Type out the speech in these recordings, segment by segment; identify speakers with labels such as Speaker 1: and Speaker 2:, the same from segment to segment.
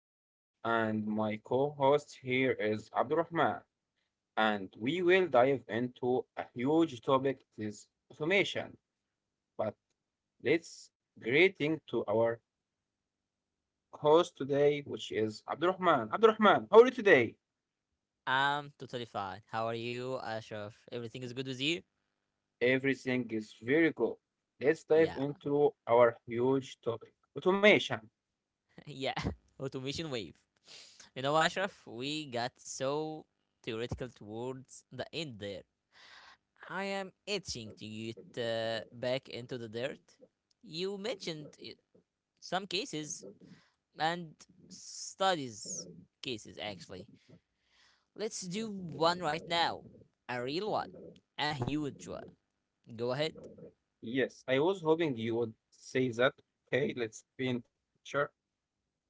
Speaker 1: Ashraf, and my co host here is Abdurrahman. And we will dive into a huge topic, this automation. But let's greeting to our host today, which is Abdurrahman. Abdurrahman, how are you today?
Speaker 2: I'm totally fine. How are you, Ashraf? Everything is good with you?
Speaker 1: Everything is very good. Let's dive
Speaker 2: Yeah,
Speaker 1: into our huge topic automation.
Speaker 2: yeah. Automation wave. You know, Ashraf, we got so theoretical towards the end there. I am itching to get back into the dirt. You mentioned some cases and studies cases actually. Let's do one right now. A real one. A huge one. Go ahead.
Speaker 1: Yes, I was hoping you would say that. Okay, let's paint a picture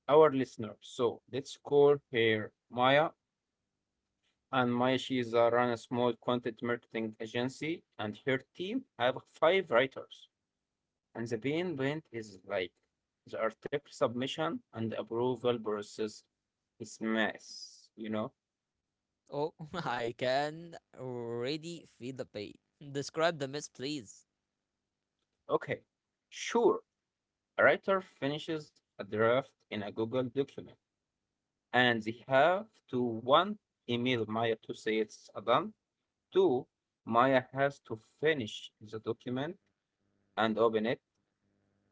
Speaker 1: our listeners. So let's call her Maya. And Maya, she is run a small content marketing agency, and her team have five writers. And the main event is like the article submission and approval process is mess, you know?
Speaker 2: Oh, I can already feel the pain. Describe the mess, please.
Speaker 1: Okay, sure. A writer finishes a draft in a Google document, and they have to one, email Maya to say it's done. Two, Maya has to finish the document and open it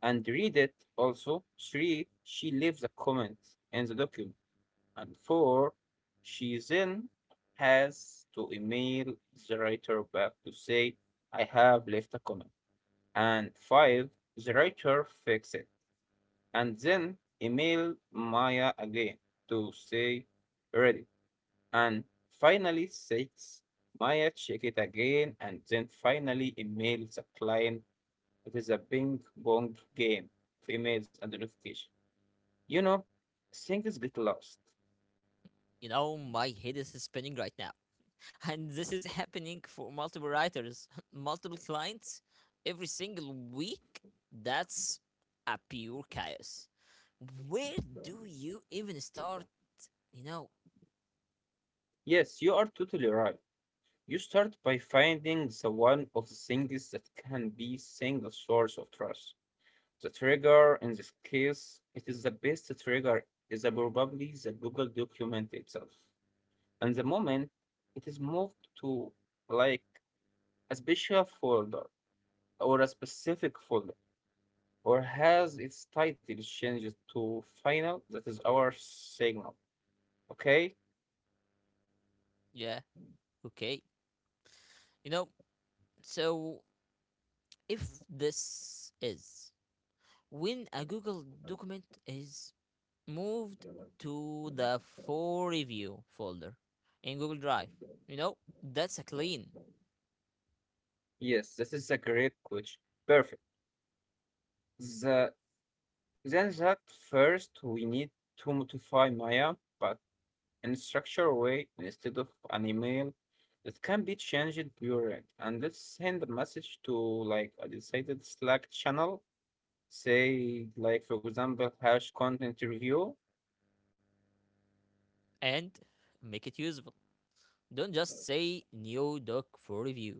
Speaker 1: and read it also. Three, she leaves a comment in the document. And four, she then has to email the writer back to say, I have left a comment. And five, the writer fixes it. And then email Maya again to say, ready. And finally, six, Maya check it again and then finally email the client. It is a ping pong game of emails and notification. You know, things get lost.
Speaker 2: You know, my head is spinning right now. And this is happening for multiple writers, multiple clients, every single week. That's a pure chaos. Where do you even start? You know,
Speaker 1: Yes, you are totally right. You start by finding the one of the things that can be single source of trust. The trigger in this case, it is the best trigger is a probably the Google document itself. And the moment it is moved to like a special folder or a specific folder, or has its title changed to final? That is our signal. Okay?
Speaker 2: yeah, okay. You know, so if this is when a Google document is moved to the for review folder in Google Drive. You know, that's a clean
Speaker 1: Yes, this is a great question. Perfect. The, then that first we need to modify Maya, but in a structured way instead of an email that can be changed direct. And let's send a message to like a decided Slack channel. Say like for example hash content review.
Speaker 2: and make it usable. Don't just say new doc for review.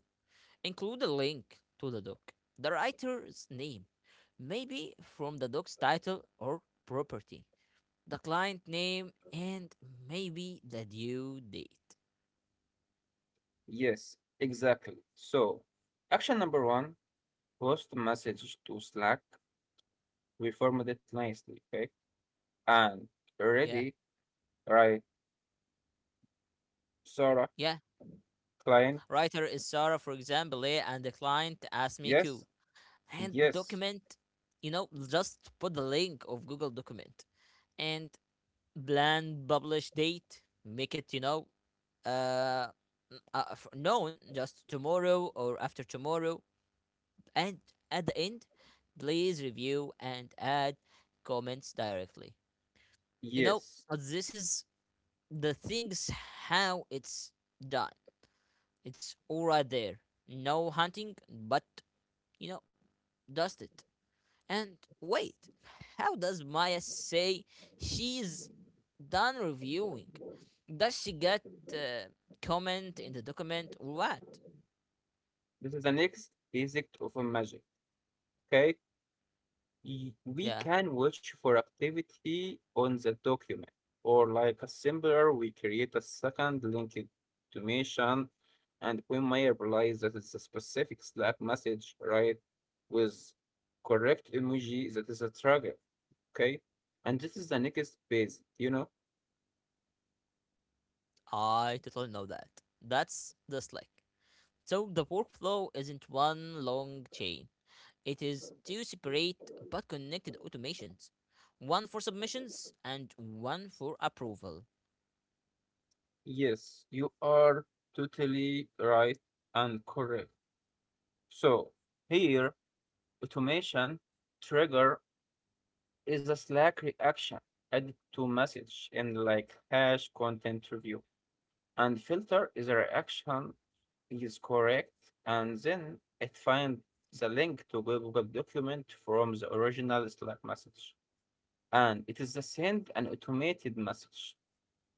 Speaker 2: Include a link to the doc, the writer's name, maybe from the doc's title or property, the client name, and maybe the due date.
Speaker 1: Yes, exactly. So action number one, post message to Slack. We reformat it nicely, okay? And
Speaker 2: Yeah,
Speaker 1: ready, right, Sarah,
Speaker 2: yeah.
Speaker 1: client,
Speaker 2: Writer is Sarah, for example, eh, and the client asked me Q.
Speaker 1: yes,
Speaker 2: And
Speaker 1: yes,
Speaker 2: document, you know, just put the link of google document and plan publish date, make it uh, known just tomorrow or after tomorrow. And at the end, please review and add comments directly, you know
Speaker 1: yes.
Speaker 2: this is the things how it's done. It's all right there, no hunting, but you know, dust it. And wait, how does Maya say she's done reviewing? Does she get uh, comment in the document or what?
Speaker 1: This is the next basic of a magic, okay? We
Speaker 2: Yeah,
Speaker 1: can watch for activity on the document, or like a similar we create a second linked automation, and we may realize that it's a specific Slack message, right, with correct emoji that is a trigger. Okay, and this is the next base, you know.
Speaker 2: I totally know that. That's the Slack. So the workflow isn't one long chain. It is two separate but connected automations. One for submissions and one for approval.
Speaker 1: Yes, you are totally right and correct. So here automation trigger is a Slack reaction added to message in like hash content review. And filter is a reaction is correct, and then it finds the link to Google document from the original Slack message. And it is the send an automated message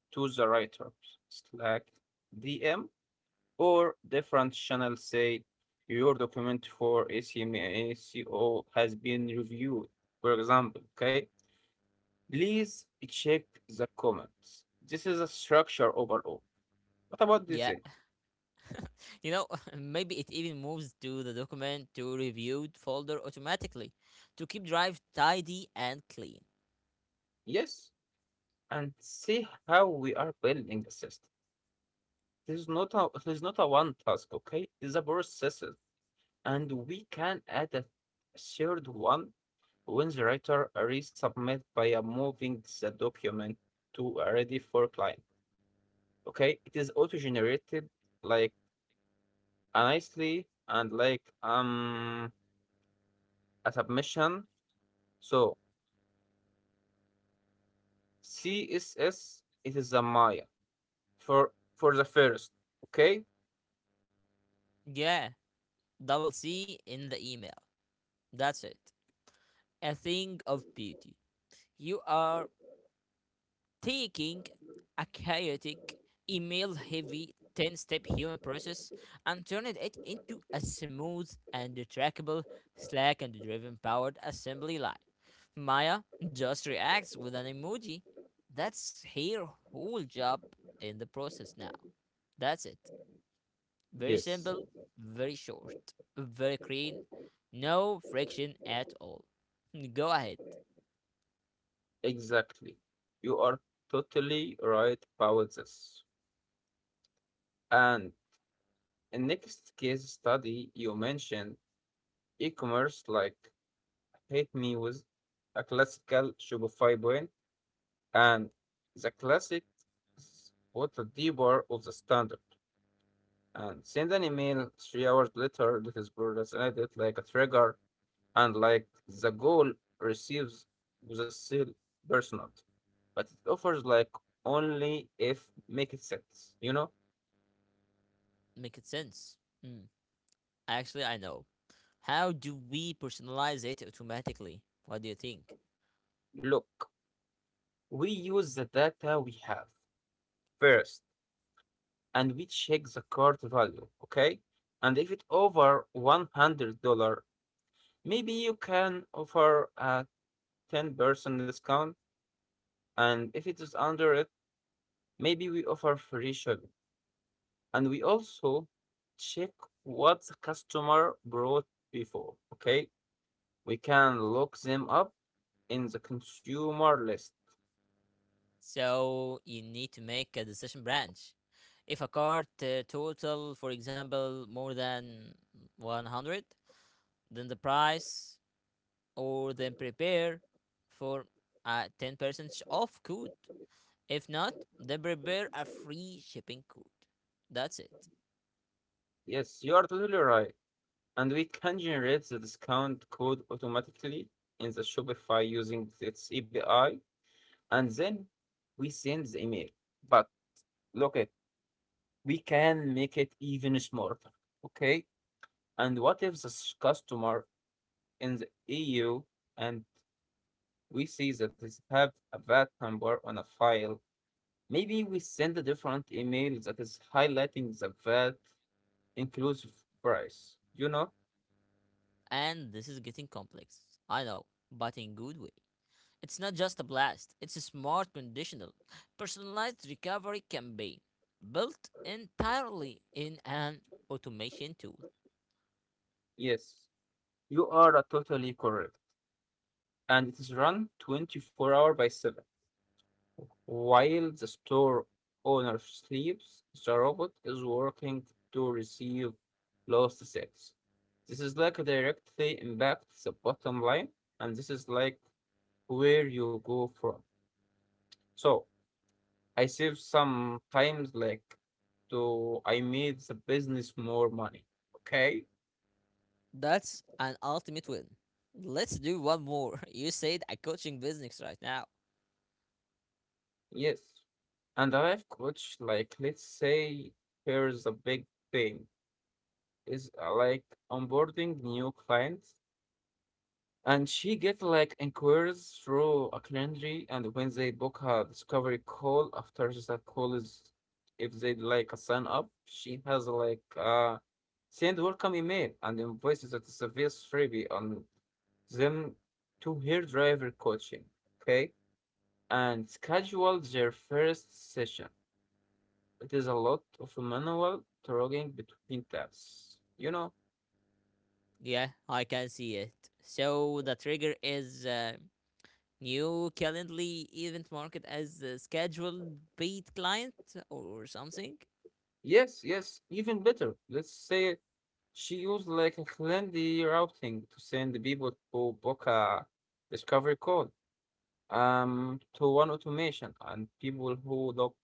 Speaker 1: to the writer, Slack DM, or different channel say your document for ACM has been reviewed, for example, okay? Please check the comments. This is a structure overall. What about this
Speaker 2: Yeah.
Speaker 1: thing?
Speaker 2: You know, maybe it even moves to the document to reviewed folder automatically to keep drive tidy and clean.
Speaker 1: Yes, and see how we are building the system. This is not a one task, okay? It's a process, and we can add a third one when the writer resubmit by moving the document to a ready for client. Okay, it is auto-generated like nicely and like a submission. So CSS, it is a Maya for the first. Okay?
Speaker 2: Yeah, double C in the email. That's it. A thing of beauty. You are taking a chaotic, email heavy 10 step human process and turned it into a smooth and trackable Slack and driven powered assembly line. Maya just reacts with an emoji. That's her whole job in the process now. That's it. Very
Speaker 1: Yes,
Speaker 2: simple, very short, very clean, no friction at all. Go ahead,
Speaker 1: exactly. You are totally right about this. And in next case study, you mentioned e-commerce like hate me with a classical Shopify brand, and the classic is what the debar of the standard. And send an email 3 hours later that is broad as an like a trigger, and like the goal receives with a seal personal, but it offers like only if make it sense. You know,
Speaker 2: make it sense. Mm, actually, I know. How do we personalize it automatically? What do you think?
Speaker 1: look, we use the data we have first, and we check the cart value, okay? And if it over $100, maybe you can offer a 10% discount, and if it is under it, maybe we offer free shipping. And we also check what the customer brought before. Okay, we can look them up in the consumer list.
Speaker 2: So you need to make a decision branch. If a cart total, for example, more than 100, then the price or then prepare for a 10% off code. If not, then prepare a free shipping code. That's it.
Speaker 1: Yes, you are totally right. And we can generate the discount code automatically in the Shopify using its API, and then we send the email. But look at, we can make it even smarter. Okay, and what if the customer in the EU and we see that it have a VAT number on a file. Maybe we send a different email that is highlighting the VAT inclusive price. You know?
Speaker 2: And this is getting complex. I know, but in good way. It's not just a blast, it's a smart conditional, personalized recovery campaign built entirely in an automation tool.
Speaker 1: Yes, you are totally correct. And it is run 24/7. While the store owner sleeps, the robot is working to receive lost sales. This is like directly impacts the bottom line, and this is like where you go from. So I save some times like to I made the business more money. Okay?
Speaker 2: That's an ultimate win. Let's do one more. You said a coaching business right now.
Speaker 1: Yes. And a life coach, like let's say here's a big thing, is like onboarding new clients. And she get like inquiries through a calendar, and when they book her discovery call after that call is, if they like a sign up she has like send welcome email and invoices at the service freebie on them to her driver coaching. Okay, and schedule their first session. It is a lot of manual talking between tabs, you know.
Speaker 2: Yeah, I can see it. So the trigger is new Calendly event market as a scheduled paid client or something.
Speaker 1: Yes, yes, even better. Let's say she used like a handy routing to send people to book a discovery call, to one automation, and people who look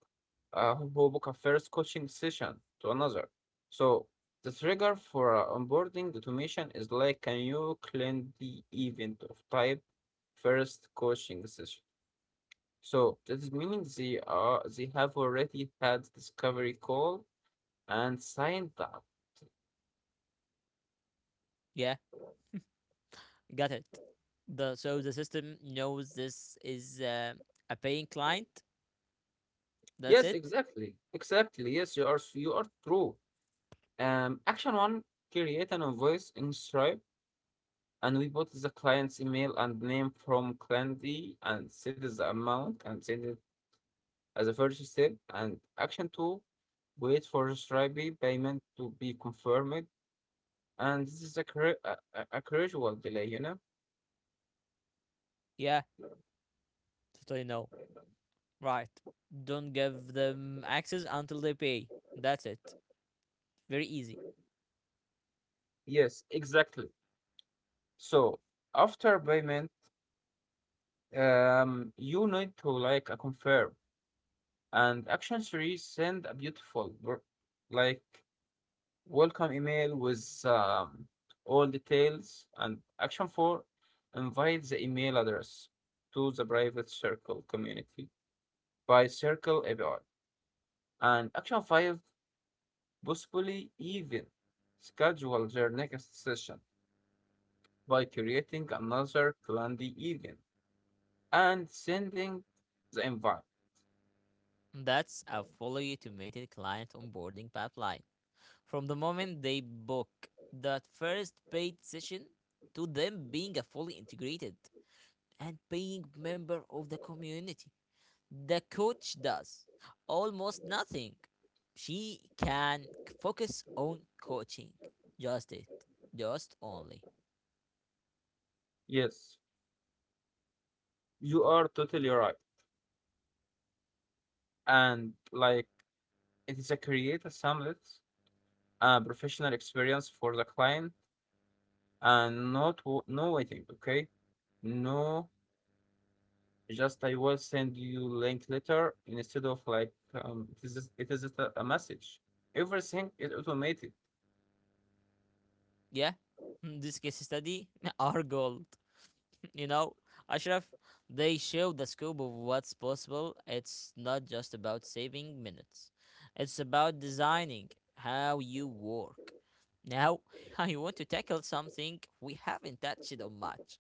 Speaker 1: who book a first coaching session to another. So the trigger for onboarding automation is like a new the event of type first coaching session. So that is meaning they have already had discovery call and signed the.
Speaker 2: Yeah, got it. The so the system knows this is a paying client. That's
Speaker 1: Yes,
Speaker 2: it.
Speaker 1: exactly. Exactly. Yes, you are true. Action one, create an invoice in Stripe, and we put the client's email and name from client D and set is the amount and send it as a first step. And action two, wait for Stripe payment to be confirmed. And this is a, cra- a gradual delay, you know?
Speaker 2: Yeah, totally no. Right. Don't give them access until they pay. That's it. Very easy.
Speaker 1: Yes, exactly. So after payment, you need to like a confirm. And action series, send a beautiful like welcome email with all details. And action 4, invite the email address to the private circle community by circle api. And action 5, possibly even schedule their next session by creating another calendar event and sending the invite.
Speaker 2: That's a fully automated client onboarding pipeline. From the moment they book that first paid session to them being a fully integrated and paying member of the community. The coach does almost nothing. She can focus on coaching. Just it. Just only.
Speaker 1: Yes, you are totally right. And like it is a creator summit, a professional experience for the client, and not no waiting. Okay, no, just I will send you link later instead of like it is just a message. Everything is automated.
Speaker 2: Yeah. This case study are gold. You know, Ashraf, they show the scope of what's possible. It's not just about saving minutes, it's about designing how you work. Now, I want to tackle something we haven't touched on much,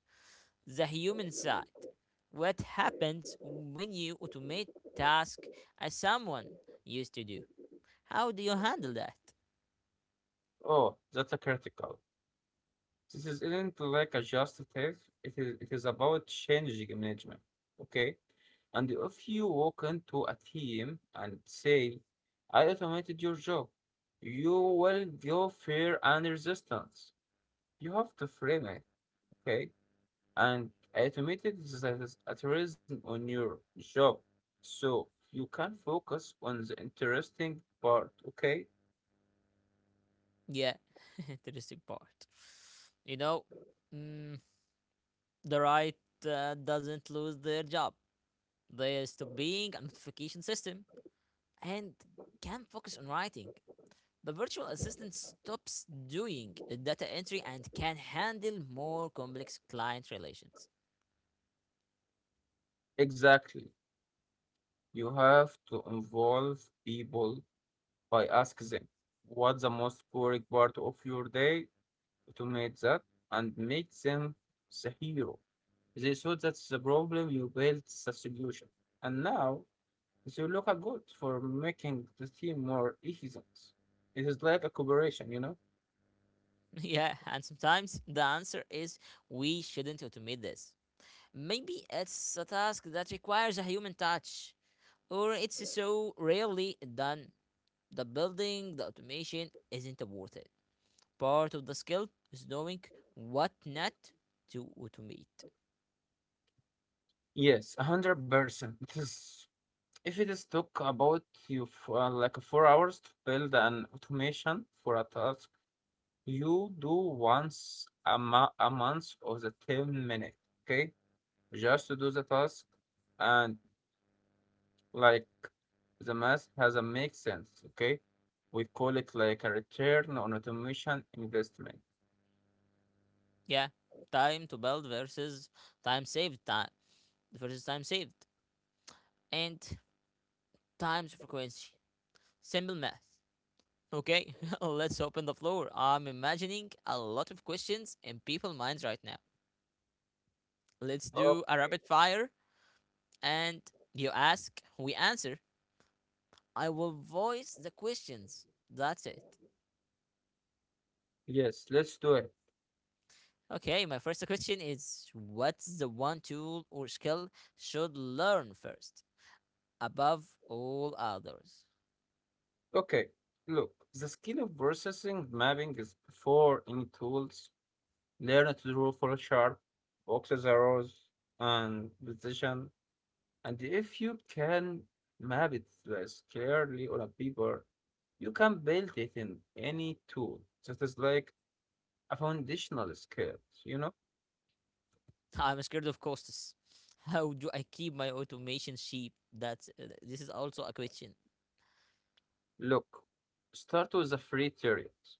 Speaker 2: the human side. What happens when you automate tasks as someone used to do? How do you handle that?
Speaker 1: Oh, that's a critical. This is isn't like a just test. It is about changing management. Okay. And if you walk into a team and say, I automated your job, you will go fear and resistance. You have to frame it, okay? And automated is a tourism on your job. So you can focus on the interesting part, okay?
Speaker 2: Yeah, interesting part. You know, mm, the right doesn't lose their job. They stop being a notification system and can focus on writing. The virtual assistant stops doing data entry and can handle more complex client relations.
Speaker 1: Exactly. You have to involve people. I ask them, what's the most boring part of your day? Automate that and make them the hero. They saw that's the problem, you built the solution. And now they look a good for making the team more efficient. It is like a cooperation, you know?
Speaker 2: Yeah, and sometimes the answer is we shouldn't automate this. Maybe it's a task that requires a human touch, or it's so rarely done. The building, the automation isn't worth it. Part of the skill is knowing what not to automate.
Speaker 1: Yes, 100%. It is, if it is took about you for, like 4 hours to build an automation for a task you do once a month of the 10-minute, okay? Just to do the task, and like the math has a make sense, okay? We call it like a return on automation investment.
Speaker 2: Yeah, time to build versus time saved, time versus time saved, and times frequency. Simple math. Okay, let's open the floor. I'm imagining a lot of questions in people's minds right now. Let's
Speaker 1: Oh,
Speaker 2: do a rapid fire, and you ask, we answer. I will voice the questions. That's it.
Speaker 1: yes, let's do it.
Speaker 2: Okay, my first question is what's the one tool or skill should learn first above all others?
Speaker 1: Okay, look, the skill of processing mapping is before any tools. Learn to draw for sharp, boxes, arrows, and decision. And if you can map it less clearly on a paper, you can build it in any tool. That is like a foundational skill, you know?
Speaker 2: I'm scared of costs. How do I keep my automation cheap? That's This is also a question.
Speaker 1: Look, start with the free tutorials.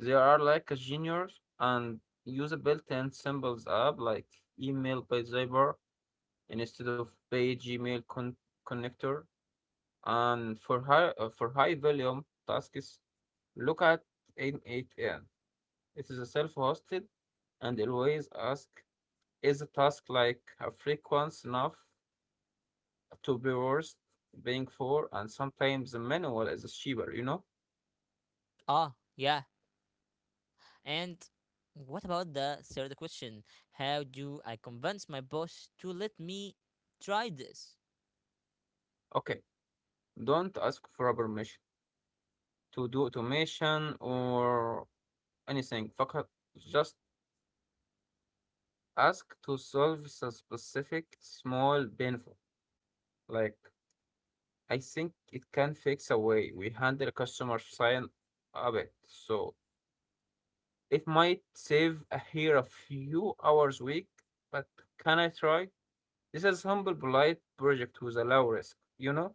Speaker 1: They are like a genius, and use a built-in symbols app like email by Zyber instead of paid Gmail connector. And for high volume tasks, look at 88N. It is a self-hosted, and always ask, is a task like a frequency enough to be worth paying for? And sometimes the manual is cheaper, you know?
Speaker 2: Ah, yeah. And what about the third question? How do I convince my boss to let me try this?
Speaker 1: Okay, don't ask for a permission to do automation or anything. فقط Just ask to solve a specific small benefit. Like, I think it can fix a way we handle customer sign a bit. So it might save a here a few hours a week, but can I try? This is humble, polite project with a low risk, you know?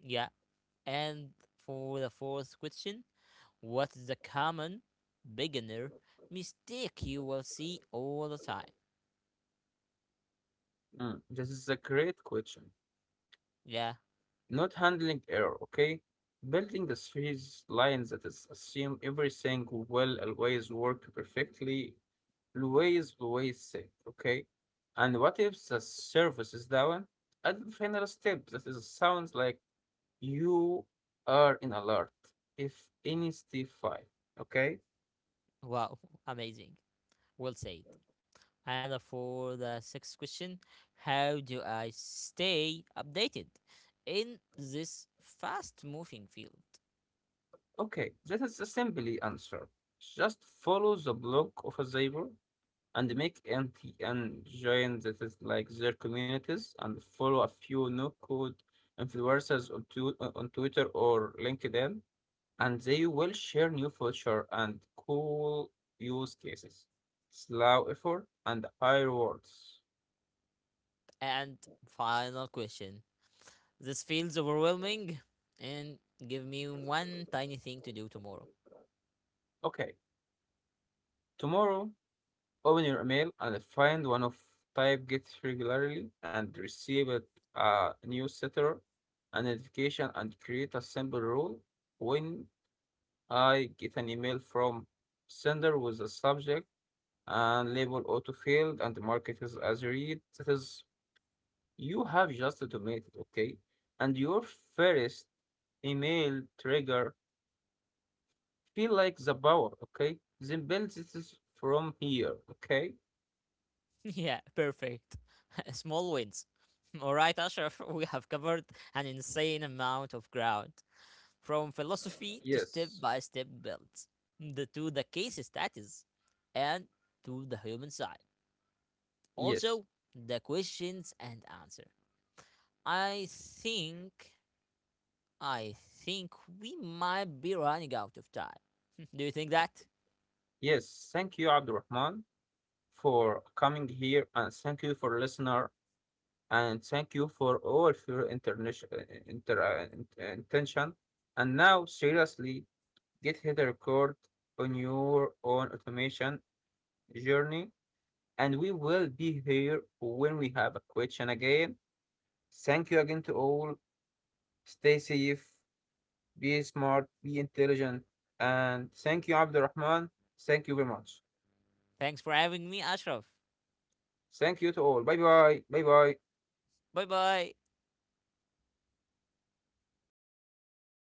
Speaker 2: Yeah. And for the fourth question, what's the common beginner mistake you will see all the time?
Speaker 1: Mm, this is a great question.
Speaker 2: Yeah.
Speaker 1: Not handling error, okay? Building the series lines that is assume everything will always work perfectly, always, always safe, okay? And what if the service is down? Add the final step that is sounds like you are in alert if any stiff, file. Okay?
Speaker 2: Wow. Amazing. Well said. And for the sixth question, how do I stay updated in this fast moving field?
Speaker 1: Okay, that is a simple answer. Just follow the blog of a Zaber, and make anti and join that is like their communities, and follow a few no code influencers on, on Twitter or LinkedIn, and they will share new feature and cool use cases. Slow effort and high rewards.
Speaker 2: And final question, this feels overwhelming, and give me one tiny thing to do tomorrow.
Speaker 1: Okay, tomorrow open your email and find one of type gets regularly and receive it, a newsletter, a notification, and create a simple rule. When I get an email from sender with a subject and label autofilled and market is as read, that is, you have just automated, okay? And your first email trigger feel like the power, okay? Then build this is from here, okay?
Speaker 2: Yeah, perfect. Small wins. All right, Ashraf, we have covered an insane amount of ground. From philosophy to step
Speaker 1: Yes,
Speaker 2: by step builds, the, to the case status, and to the human side.
Speaker 1: yes.
Speaker 2: Also, the questions and answer. I think, I think we might be running out of time. Do you think that?
Speaker 1: Yes, thank you, Abdurrahman, for coming here, and thank you for listener, and thank you for all of your internation, intention. And now, seriously, get hit a record on your own automation journey, and we will be here when we have a question again. Thank you again to all. Stay safe, be smart, be intelligent, and thank you, Abdurrahman. Thank you very much.
Speaker 2: Thanks for having me, Ashraf.
Speaker 1: Thank you to all. Bye bye. Bye bye.
Speaker 2: Bye bye.